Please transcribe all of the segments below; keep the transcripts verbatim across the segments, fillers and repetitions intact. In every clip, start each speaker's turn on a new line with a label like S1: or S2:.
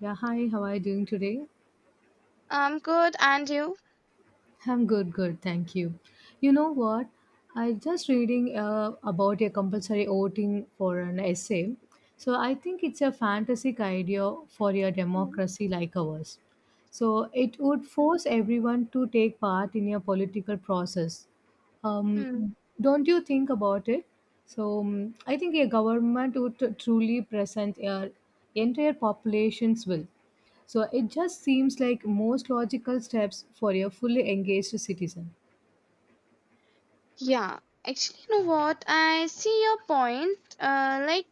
S1: Yeah, hi, how are you doing today?
S2: I'm good, and you?
S1: I'm good, good, thank you. You know what? I just reading uh, about a compulsory voting for an essay. So I think it's a fantastic idea for a democracy like ours. So it would
S2: Mm-hmm.
S1: force everyone to take part in a political process. Um, don't you think about it? So um, I think a government would t- truly present a entire population's will. So it just seems like most logical steps for a fully engaged citizen.
S2: Yeah, actually, you know what? I see your point. Uh, like,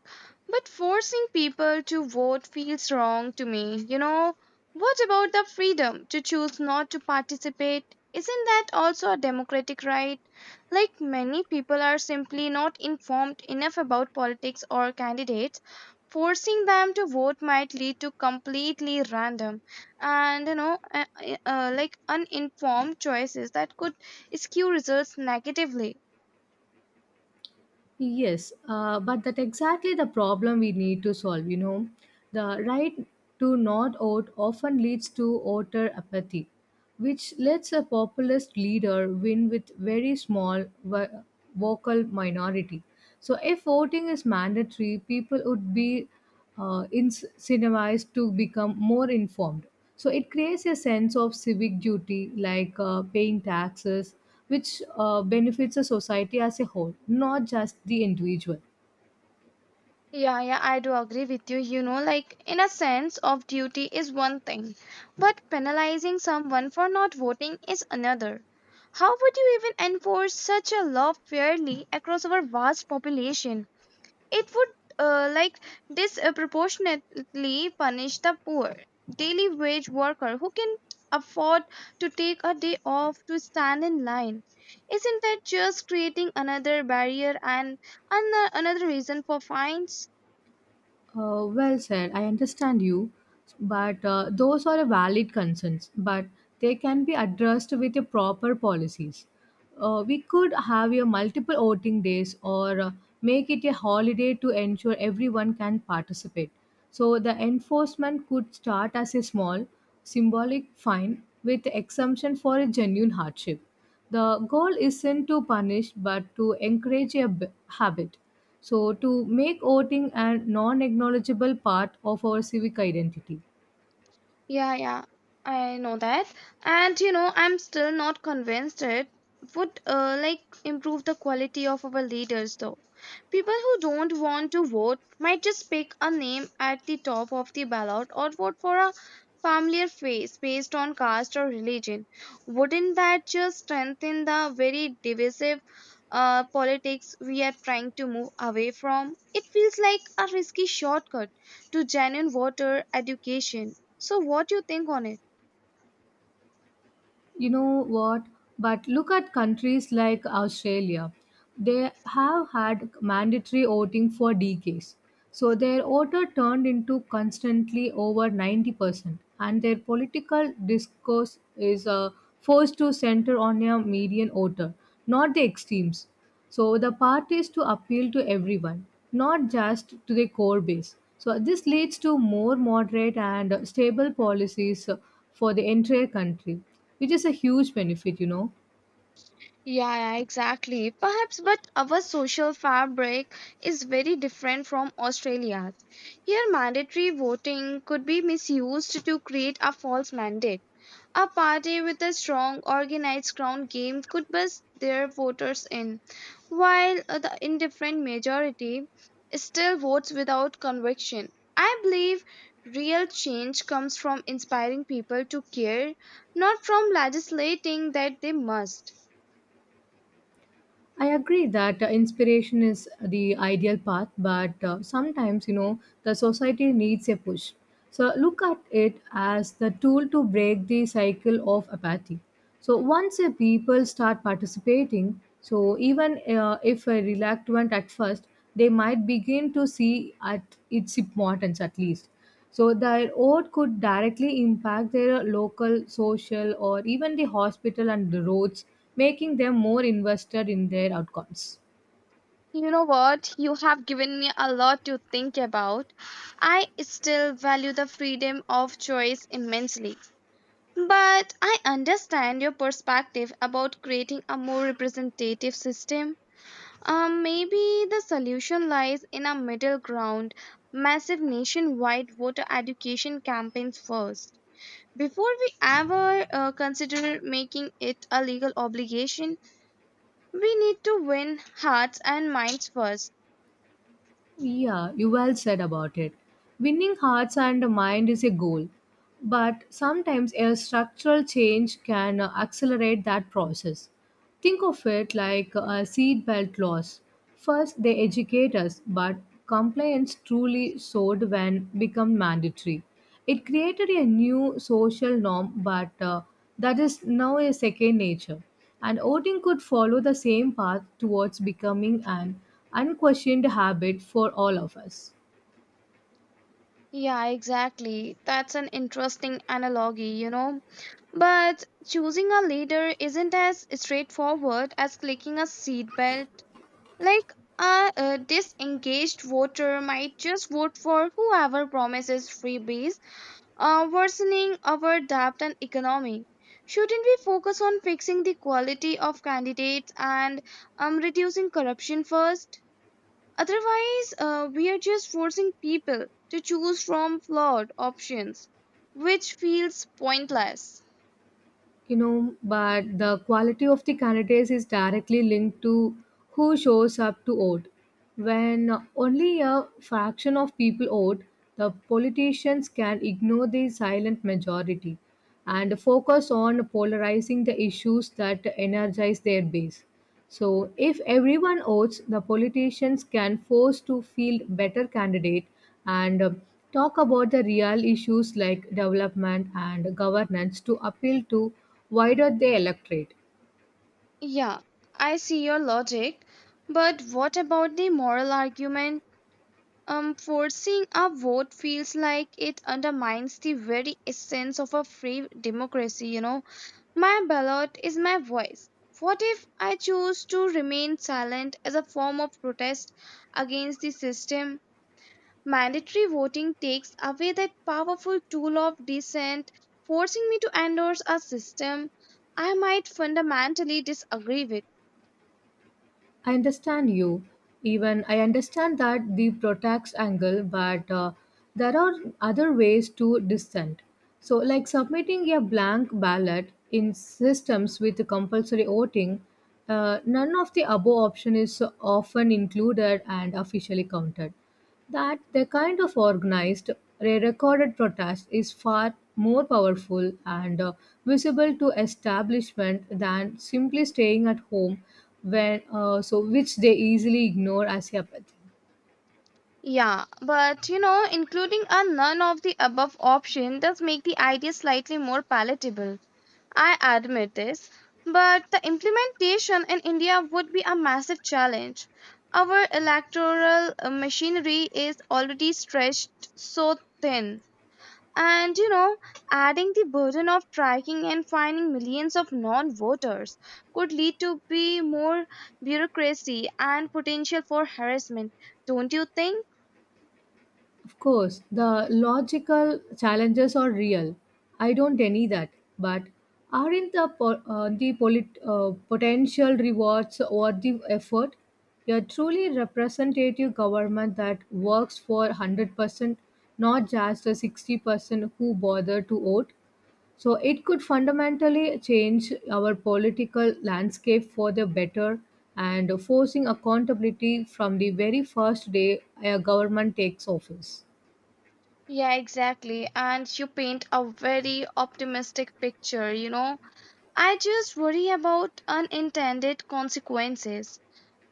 S2: but forcing people to vote feels wrong to me. You know, what about the freedom to choose not to participate? Isn't that also a democratic right? Like, many people are simply not informed enough about politics or candidates. Forcing them to vote might lead to completely random and, you know, uh, uh, uh, like uninformed choices that could skew results negatively.
S1: Yes, uh, but that's exactly the problem we need to solve. You know, the right to not vote often leads to voter apathy, which lets a populist leader win with very small vo- vocal minority. So if voting is mandatory, people would be uh, incentivized to become more informed. So it creates a sense of civic duty, like uh, paying taxes, which uh, benefits the society as a whole, not just the individual.
S2: Yeah, yeah, I do agree with you. You know, like in a sense of duty is one thing, but penalizing someone for not voting is another. How would you even enforce such a law fairly across our vast population? It would uh, like disproportionately punish the poor daily wage worker who can afford to take a day off to stand in line. Isn't that just creating another barrier and an- another reason for fines?
S1: Uh, well said. I understand you, but uh, those are valid concerns, but they can be addressed with the proper policies. Uh, we could have a multiple voting days or uh, make it a holiday to ensure everyone can participate. So the enforcement could start as a small symbolic fine with exemption for a genuine hardship. The goal isn't to punish but to encourage a b- habit. So, to make voting a non acknowledgeable part of our civic identity.
S2: Yeah, yeah, I know that. And you know, I'm still not convinced it would uh, like improve the quality of our leaders though. People who don't want to vote might just pick a name at the top of the ballot or vote for a familiar face based on caste or religion. Wouldn't that just strengthen the very divisive uh, politics we are trying to move away from? It feels like a risky shortcut to genuine voter education. So what do you think on it?
S1: You know what, but look at countries like Australia. They have had mandatory voting for decades. So their voter turned into constantly over ninety percent, and their political discourse is uh, forced to center on a median voter, not the extremes. So the parties to appeal to everyone, not just to the core base. So this leads to more moderate and stable policies uh, for the entire country. It is a huge benefit, you know.
S2: Yeah, yeah, exactly. Perhaps, but our social fabric is very different from Australia's. Here, mandatory voting could be misused to create a false mandate. A party with a strong, organized ground game could bust their voters in, while uh, the indifferent majority still votes without conviction. I believe real change comes from inspiring people to care, not from legislating that they must.
S1: I agree that uh, inspiration is the ideal path, but uh, sometimes, you know, the society needs a push. So look at it as the tool to break the cycle of apathy. So once the people start participating, so even uh, if a reluctant at first, they might begin to see at its importance at least. So their oath could directly impact their local, social, or even the hospital and the roads, making them more invested in their outcomes.
S2: You know what? You have given me a lot to think about. I still value the freedom of choice immensely. But I understand your perspective about creating a more representative system. Um, maybe the solution lies in a middle ground, massive nationwide voter education campaigns first. Before we ever uh, consider making it a legal obligation, we need to win hearts and minds first.
S1: Yeah, you well said about it. Winning hearts and mind is a goal, but sometimes a structural change can accelerate that process. Think of it like a seatbelt laws. First, they educate us, but compliance truly soared when become mandatory. It created a new social norm, but uh, that is now a second nature. And voting could follow the same path towards becoming an unquestioned habit for all of us.
S2: Yeah, exactly. That's an interesting analogy, you know. But choosing a leader isn't as straightforward as clicking a seatbelt. Like, a, a disengaged voter might just vote for whoever promises freebies, uh, worsening our debt and economy. Shouldn't we focus on fixing the quality of candidates and um, reducing corruption first? Otherwise, uh, we are just forcing people to choose from flawed options, which feels pointless.
S1: You know, but the quality of the candidates is directly linked to who shows up to vote. When only a fraction of people vote, the politicians can ignore the silent majority and focus on polarizing the issues that energize their base. So if everyone votes, the politicians can force to field better candidate and uh, talk about the real issues like development and governance to appeal to wider the electorate.
S2: Yeah, I see your logic, but what about the moral argument? Um, forcing a vote feels like it undermines the very essence of a free democracy, you know. My ballot is my voice. What if I choose to remain silent as a form of protest against the system? Mandatory voting takes away that powerful tool of dissent, forcing me to endorse a system I might fundamentally disagree with.
S1: I understand you. Even I understand that the protest angle, but uh, there are other ways to dissent. So, like submitting a blank ballot in systems with compulsory voting, uh, none of the above option is often included and officially counted. That the kind of organized, recorded protest is far more powerful and uh, visible to establishment than simply staying at home, when uh, so which they easily ignore as apathy.
S2: Yeah, but you know, including a none of the above option does make the idea slightly more palatable. I admit this, but the implementation in India would be a massive challenge. Our electoral uh, machinery is already stretched so thin, and you know, adding the burden of tracking and finding millions of non-voters could lead to be more bureaucracy and potential for harassment. Don't you think?
S1: Of course, the logical challenges are real. I don't deny that. But aren't the, po- uh, the polit- uh, potential rewards worth the effort? A truly representative government that works for one hundred percent, not just the sixty percent who bother to vote. So it could fundamentally change our political landscape for the better and forcing accountability from the very first day a government takes office.
S2: Yeah, exactly. And you paint a very optimistic picture, you know. I just worry about unintended consequences.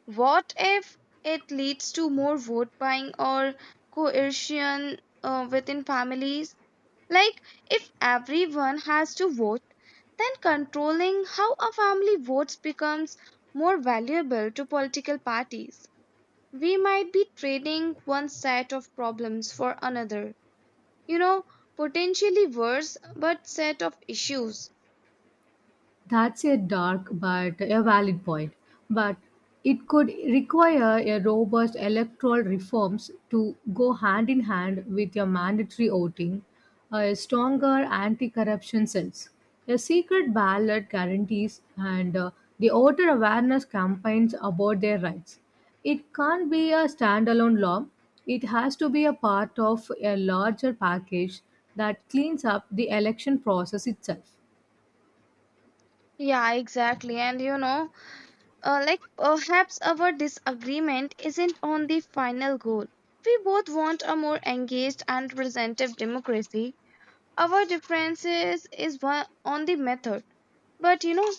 S2: What if it leads to more vote buying or coercion uh, within families? Like, if everyone has to vote, then controlling how a family votes becomes more valuable to political parties. We might be trading one set of problems for another, you know, potentially worse, but set of issues.
S1: That's a dark but a valid point. But it could require a robust electoral reforms to go hand in hand with your mandatory voting, a stronger anti-corruption cells, a secret ballot guarantees, and uh, the voter awareness campaigns about their rights. It can't be a standalone law. It has to be a part of a larger package that cleans up the election process itself.
S2: Yeah, exactly. And you know, uh, like perhaps our disagreement isn't on the final goal. We both want a more engaged and representative democracy. Our differences is one on the method. But you know,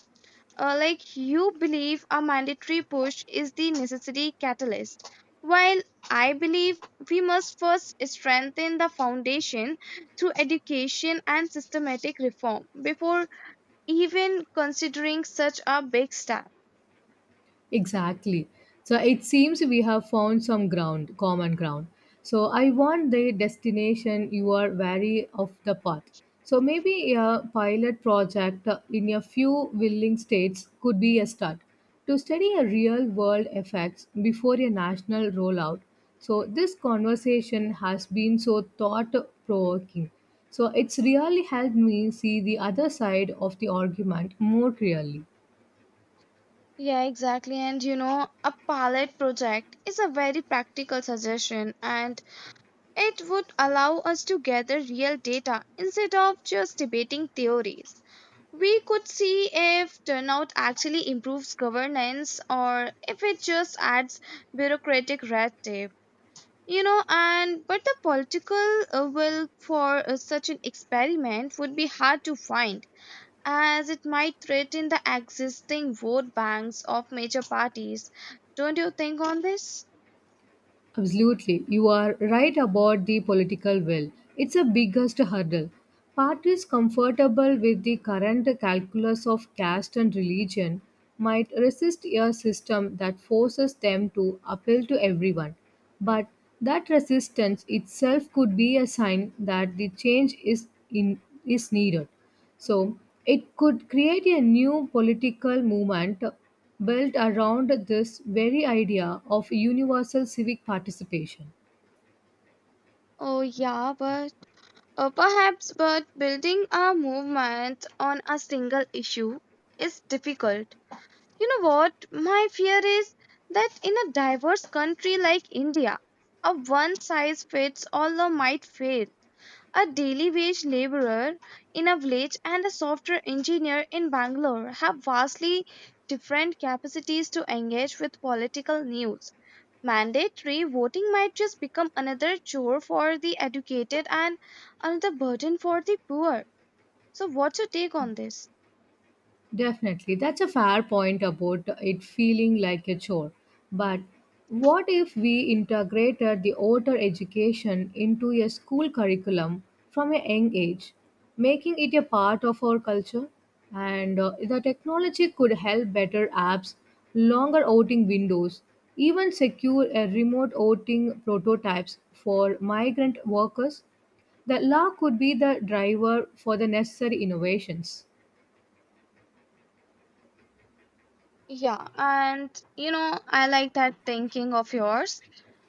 S2: uh, like you believe a mandatory push is the necessary catalyst, while I believe we must first strengthen the foundation through education and systematic reform before even considering such a big step.
S1: Exactly. So it seems we have found some ground, common ground. So I want the destination you are wary of the path. So maybe a pilot project uh, in a few willing states could be a start to study a real world effects before a national rollout. So this conversation has been so thought provoking. So it's really helped me see the other side of the argument more clearly.
S2: Yeah, exactly. And you know, a pilot project is a very practical suggestion, and it would allow us to gather real data instead of just debating theories. We could see if turnout actually improves governance or if it just adds bureaucratic red tape. You know, and but the political uh, will for uh, such an experiment would be hard to find as it might threaten the existing vote banks of major parties. Don't you think on this?
S1: Absolutely. You are right about the political will. It's a biggest hurdle. Parties comfortable with the current calculus of caste and religion might resist a system that forces them to appeal to everyone. But that resistance itself could be a sign that the change is in is needed. So it could create a new political movement built around this very idea of universal civic participation.
S2: Oh, yeah, but Uh, perhaps, but building a movement on a single issue is difficult. You know what? My fear is that in a diverse country like India, a one size fits all law might fail a daily wage laborer in a village and a software engineer in Bangalore have vastly different capacities to engage with political news. Mandatory voting might just become another chore for the educated and another burden for the poor. So, what's your take on this?
S1: Definitely. That's a fair point about it feeling like a chore. But what if we integrated the outer education into a school curriculum from a young age, making it a part of our culture? And uh, the technology could help better apps, longer outing windows, even secure a remote outing prototypes for migrant workers. The law could be the driver for the necessary innovations.
S2: Yeah, and you know, I like that thinking of yours,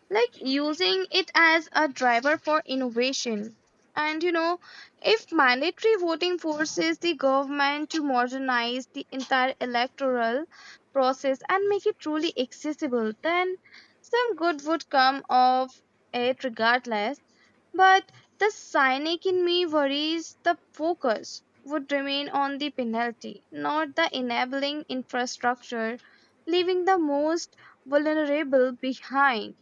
S2: like using it as a driver for innovation. And you know, if mandatory voting forces the government to modernize the entire electoral process and make it truly accessible, then some good would come of it regardless. But the cynic in me worries the focus would remain on the penalty, not the enabling infrastructure, leaving the most vulnerable behind.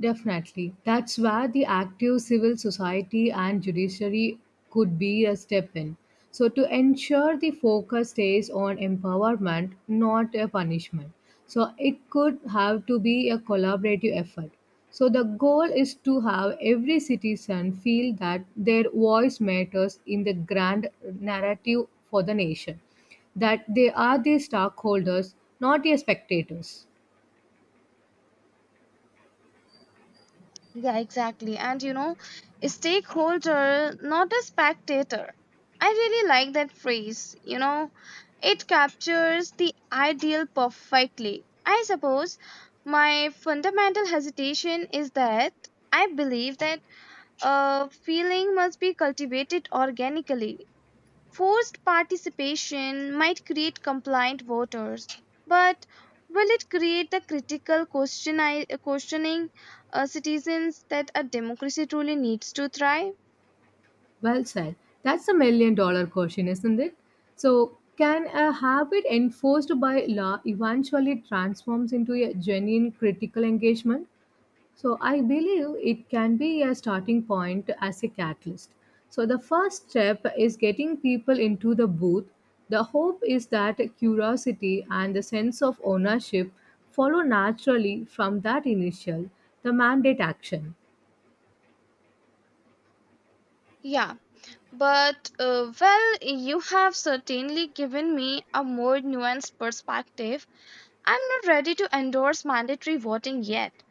S1: Definitely. That's where the active civil society and judiciary could be a step in. So, to ensure the focus stays on empowerment, not a punishment. So, it could have to be a collaborative effort. So, the goal is to have every citizen feel that their voice matters in the grand narrative for the nation, that they are the stockholders, not the spectators.
S2: Yeah, exactly. And you know, stakeholder, not a spectator. I really like that phrase. You know, it captures the ideal perfectly. I suppose my fundamental hesitation is that I believe that a feeling must be cultivated organically. Forced participation might create compliant voters, but will it create the critical questioni- questioning uh, citizens that a democracy truly needs to thrive?
S1: Well said. That's a million dollar question, isn't it? So, can a habit enforced by law eventually transforms into a genuine critical engagement? So, I believe it can be a starting point as a catalyst. So, the first step is getting people into the booth. The hope is that curiosity and the sense of ownership follow naturally from that initial, the mandate action.
S2: Yeah, but uh, well, you have certainly given me a more nuanced perspective. I'm not ready to endorse mandatory voting yet,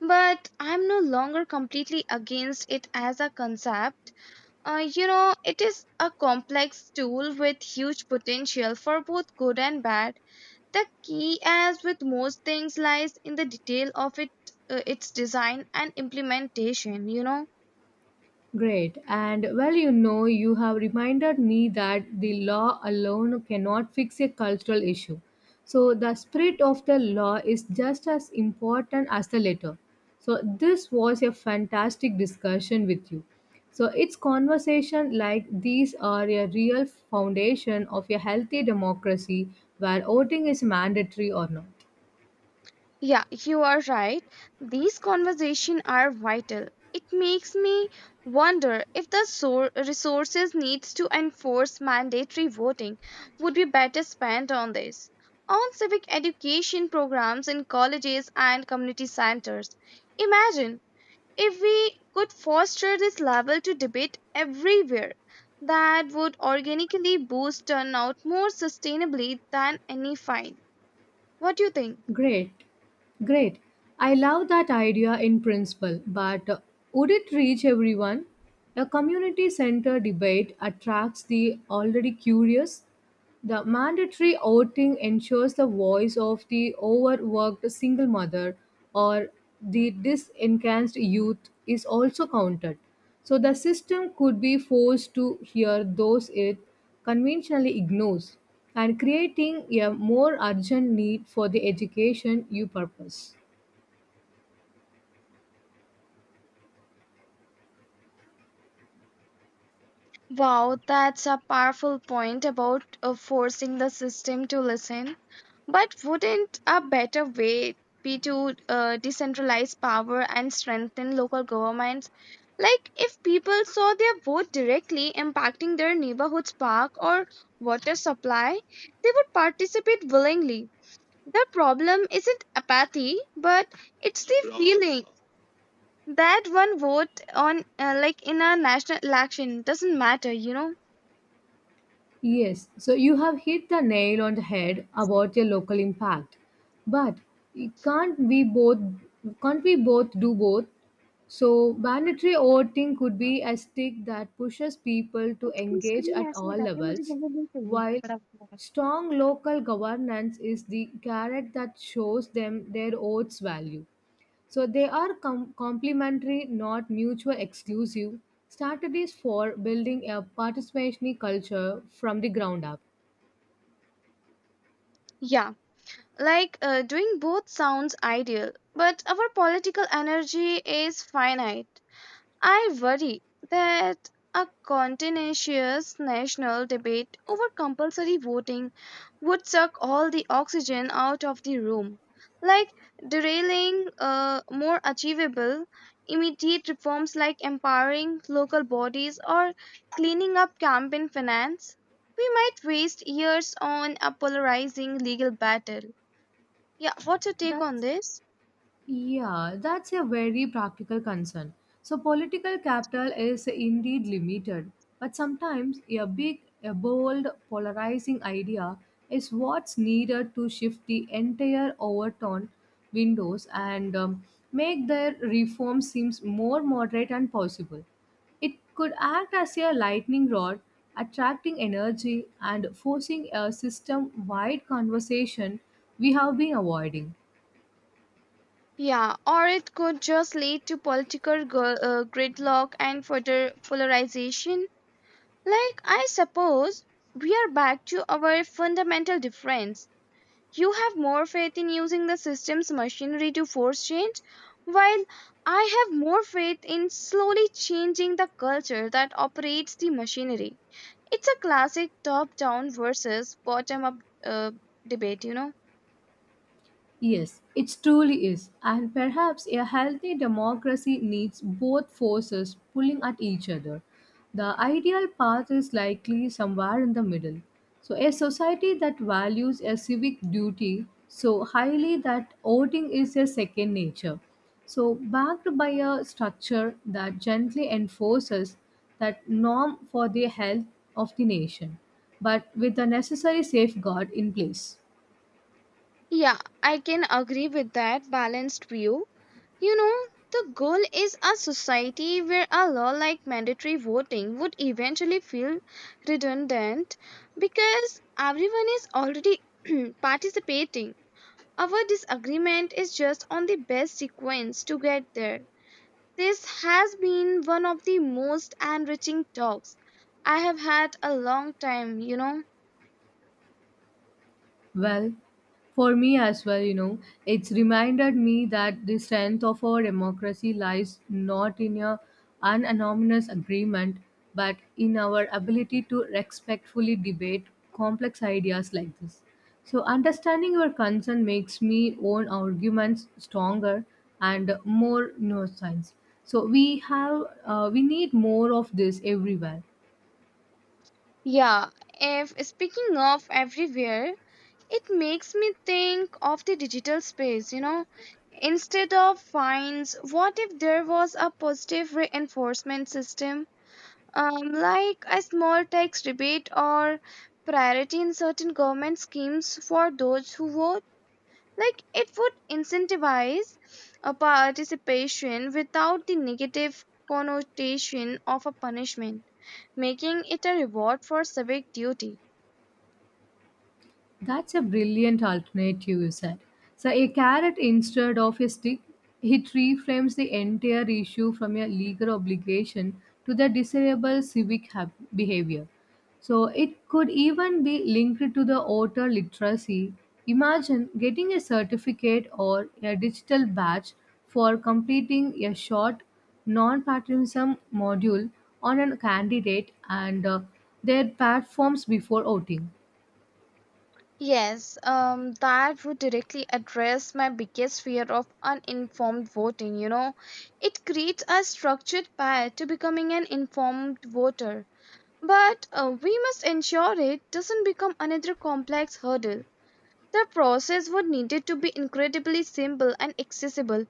S2: but I'm no longer completely against it as a concept. Uh, you know, it is a complex tool with huge potential for both good and bad. The key, as with most things, lies in the detail of it, uh, its design and implementation, you know.
S1: Great. And well, you know, you have reminded me that the law alone cannot fix a cultural issue. So, the spirit of the law is just as important as the letter. So, this was a fantastic discussion with you. So, it's conversation like these are a real foundation of a healthy democracy where voting is mandatory or not.
S2: Yeah, you are right. These conversations are vital. It makes me wonder if the sor- resources needs to enforce mandatory voting would be better spent on this, on civic education programs in colleges and community centers. Imagine if we could foster this level to debate everywhere. That would organically boost turnout more sustainably than any fine. What do you think?
S1: Great, great. I love that idea in principle, but uh, would it reach everyone? A community center debate attracts the already curious. The mandatory outing ensures the voice of the overworked single mother or the disenfranchised youth is also counted. So the system could be forced to hear those it conventionally ignores, and creating a more urgent need for the education you purpose.
S2: Wow, that's a powerful point about uh, forcing the system to listen. But wouldn't a better way be to uh, decentralize power and strengthen local governments? Like, if people saw their vote directly impacting their neighborhood's park or water supply, they would participate willingly. The problem isn't apathy, but it's the feeling that one vote on, uh, like, in a national election doesn't matter, you know?
S1: Yes, so you have hit the nail on the head about your local impact. But can't we both can't we both do both? So mandatory voting could be a stick that pushes people to
S2: उसकी
S1: engage
S2: screen
S1: at
S2: ऐसे
S1: all
S2: में रहती है मुझे.
S1: levels, while strong local governance is the carrot that shows them their vote's value. So they are com- complementary, not mutually exclusive, strategies for building a participatory culture from the ground up.
S2: Yeah, like uh, doing both sounds ideal, but our political energy is finite. I worry that a contentious national debate over compulsory voting would suck all the oxygen out of the room, like derailing uh, more achievable, immediate reforms like empowering local bodies or cleaning up campaign finance. We might waste years on a polarizing legal battle. Yeah, what's your take on
S1: That's
S2: this?
S1: Yeah, that's a very practical concern. So, political capital is indeed limited, but sometimes a big, a bold, polarizing idea is what's needed to shift the entire overturned windows and um, make their reform seems more moderate and possible. It could act as a lightning rod, attracting energy and forcing a system wide conversation we have been avoiding.
S2: Yeah, or it could just lead to political gu- uh, gridlock and further polarization. Like, I suppose we are back to our fundamental difference. You have more faith in using the system's machinery to force change, while I have more faith in slowly changing the culture that operates the machinery. It's a classic top down versus bottom up uh, debate, you know?
S1: Yes, it truly is. And perhaps a healthy democracy needs both forces pulling at each other. The ideal path is likely somewhere in the middle. So, a society that values a civic duty so highly that voting is a second nature. So, backed by a structure that gently enforces that norm for the health of the nation, but with the necessary safeguard in place.
S2: Yeah, I can agree with that balanced view. You know, the goal is a society where a law like mandatory voting would eventually feel redundant because everyone is already participating. Our disagreement is just on the best sequence to get there. This has been one of the most enriching talks I have had a long time, you know.
S1: Well, for me as well, you know, it's reminded me that the strength of our democracy lies not in a unanimous agreement, but in our ability to respectfully debate complex ideas like this. So, understanding your concern makes me own arguments stronger and more nuanced. So, we have uh, we need more of this everywhere.
S2: Yeah, if speaking of everywhere, it makes me think of the digital space, you know. Instead of fines, what if there was a positive reinforcement system, um, like a small tax rebate or priority in certain government schemes for those who vote? Like it would incentivize a participation without the negative connotation of a punishment, making it a reward for civic duty.
S1: That's a brilliant alternative, you said. So, a carrot instead of a stick, it reframes the entire issue from a legal obligation to the desirable civic hab- behavior. So, it could even be linked to the voter literacy. Imagine getting a certificate or a digital badge for completing a short non patriotism module on a candidate and uh, their platforms before voting.
S2: Yes, um, that would directly address my biggest fear of uninformed voting. You know, it creates a structured path to becoming an informed voter, but uh, we must ensure it doesn't become another complex hurdle. The process would needed to be incredibly simple and accessible,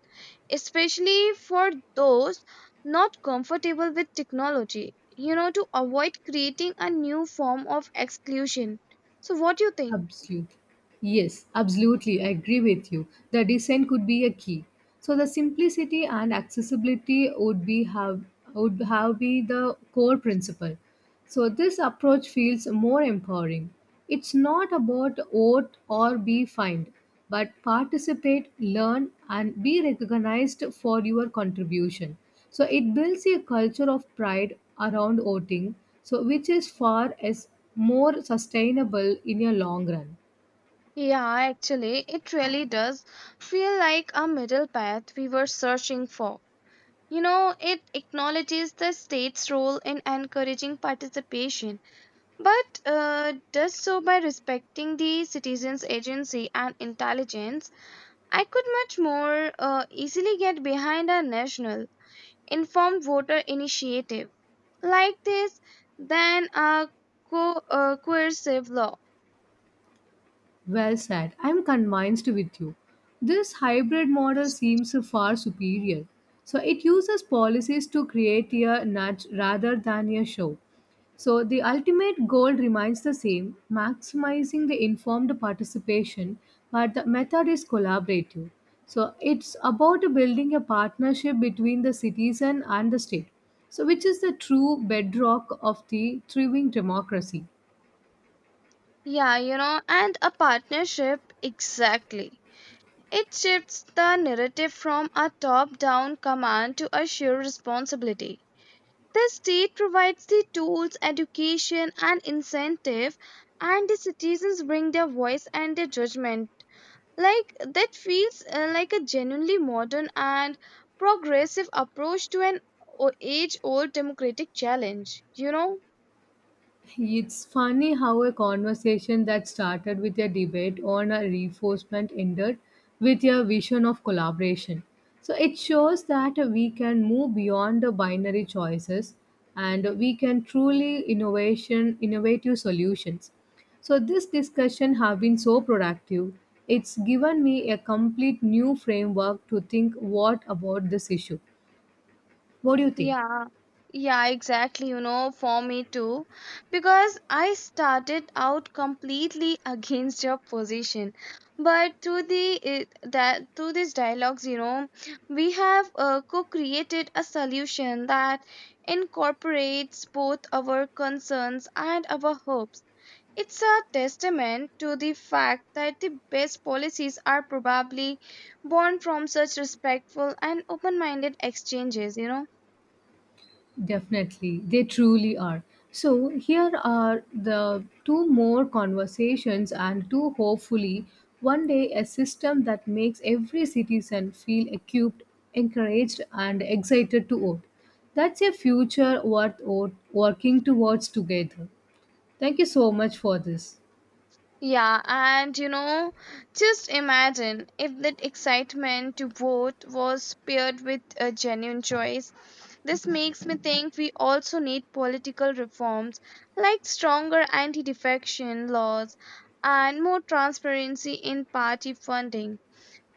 S2: especially for those not comfortable with technology, you know, to avoid creating a new form of exclusion. So, what do you think?
S1: Absolute. Yes, absolutely. I agree with you. The design could be a key. So the simplicity and accessibility would be have would have be the core principle. So this approach feels more empowering. It's not about vote or be fined, but participate, learn, and be recognized for your contribution. So it builds a culture of pride around voting, so which is far as more sustainable in a long run.
S2: Yeah, actually, it really does feel like a middle path we were searching for. You know, it acknowledges the state's role in encouraging participation, but uh, does so by respecting the citizens' agency and intelligence. I could much more uh, easily get behind a national informed voter initiative like this than a co- uh, coercive law.
S1: Well said. I'm convinced with you. This hybrid model seems far superior. So it uses policies to create a nudge rather than a show. So the ultimate goal remains the same, maximizing the informed participation, but the method is collaborative. So it's about building a partnership between the citizen and the state. So which is the true bedrock of the thriving democracy.
S2: Yeah, you know, and a partnership, exactly. It shifts the narrative from a top down command to a shared responsibility. The state provides the tools, education, and incentive, and the citizens bring their voice and their judgment. Like, that feels uh, like a genuinely modern and progressive approach to an age old democratic challenge, you know?
S1: It's funny how a conversation that started with a debate on a reinforcement ended with a vision of collaboration. So it shows that we can move beyond the binary choices and we can truly innovation innovative solutions. So this discussion have been so productive. It's given me a complete new framework to think what about this issue. What do you think?
S2: Yeah, yeah, exactly. You know, for me too, because I started out completely against your position, but through the it, that through these dialogues, you know, we have uh, co-created a solution that incorporates both our concerns and our hopes. It's a testament to the fact that the best policies are probably born from such respectful and open-minded exchanges, you know.
S1: Definitely, they truly are. So, here are the two more conversations, and two hopefully one day a system that makes every citizen feel equipped, encouraged, and excited to vote. That's a future worth wo- working towards together. Thank you so much for this.
S2: Yeah, and you know, just imagine if that excitement to vote was paired with a genuine choice. This makes me think we also need political reforms like stronger anti defection laws and more transparency in party funding.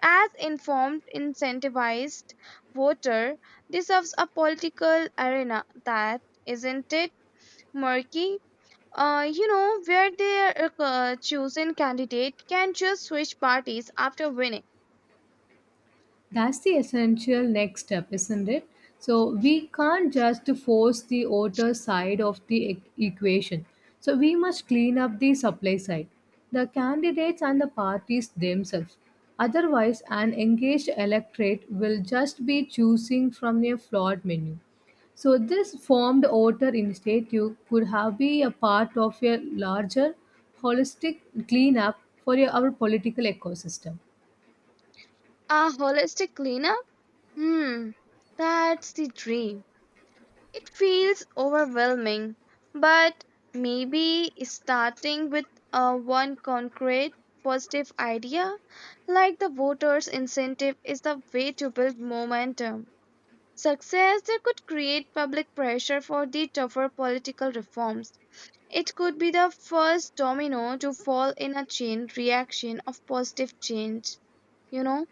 S2: As informed, incentivized voter deserves a political arena that isn't it murky, uh, you know, where their uh, chosen candidate can just switch parties after winning.
S1: That's the essential next step, isn't it? So we can't just force the outer side of the e- equation. So we must clean up the supply side, the candidates and the parties themselves. Otherwise, an engaged electorate will just be choosing from a flawed menu. So this formed outer initiative could have been a part of a larger holistic cleanup for our political ecosystem.
S2: A holistic cleanup? Hmm, that's the dream. It feels overwhelming, but maybe starting with uh, one concrete positive idea, like the voters' incentive, is the way to build momentum. Success that could create public pressure for the tougher political reforms. It could be the first domino to fall in a chain reaction of positive change, you know?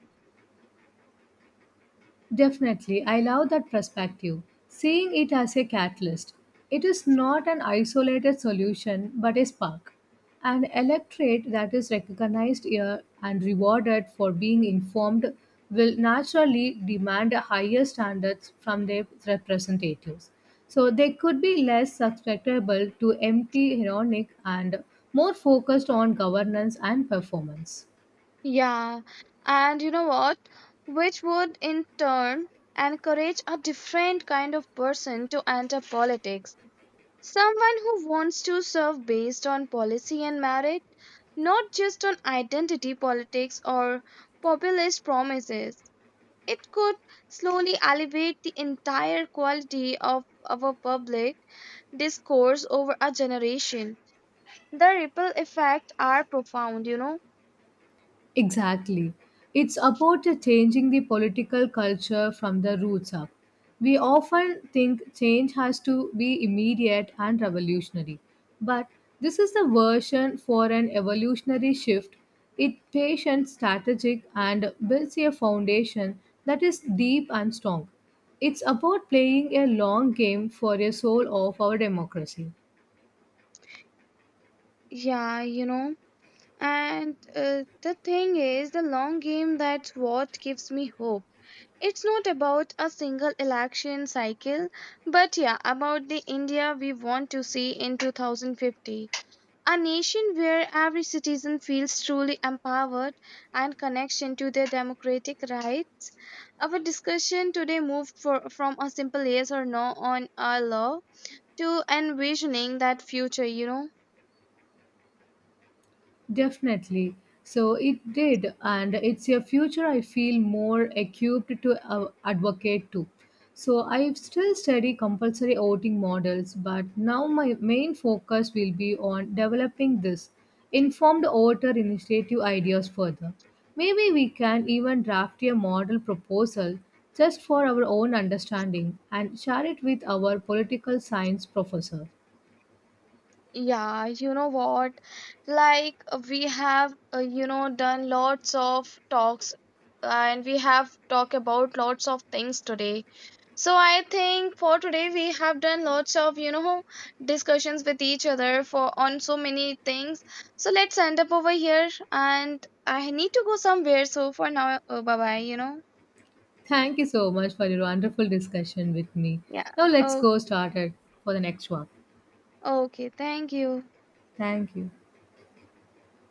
S1: Definitely, I love that perspective. Seeing it as a catalyst, it is not an isolated solution but a spark, an electorate that is recognized here and rewarded for being informed will naturally demand higher standards from their representatives. So they could be less susceptible to empty, ironic, and more focused on governance and performance.
S2: Yeah. And you know what? Which would in turn encourage a different kind of person to enter politics. Someone who wants to serve based on policy and merit, not just on identity politics or populist promises. It could slowly elevate the entire quality of our public discourse over a generation. The ripple effects are profound, you know.
S1: Exactly. It's about uh, changing the political culture from the roots up. We often think change has to be immediate and revolutionary, but this is the version for an evolutionary shift. It patient, strategic, and builds a foundation that is deep and strong. It's about playing a long game for a soul of our democracy.
S2: Yeah, you know. And uh, the thing is, the long game, that's what gives me hope. It's not about a single election cycle, but yeah, about the India we want to see in two thousand fifty. A nation where every citizen feels truly empowered and connection to their democratic rights. Our discussion today moved for, from a simple yes or no on a law to envisioning that future, you know.
S1: Definitely. So it did, and it's a future I feel more equipped to uh, advocate to. So I still study compulsory voting models, but now my main focus will be on developing this informed voter initiative ideas further. Maybe we can even draft a model proposal just for our own understanding and share it with our political science professor.
S2: Yeah, you know what? Like uh, we have, uh, you know, done lots of talks, and we have talked about lots of things today. So I think for today we have done lots of, you know, discussions with each other for on so many things. So let's end up over here, and I need to go somewhere. So for now, uh bye bye, you know.
S1: Thank you so much for your wonderful discussion with me.
S2: Yeah.
S1: Now let's
S2: Oh,
S1: go started for the next one.
S2: okay. Thank you.
S1: Thank you.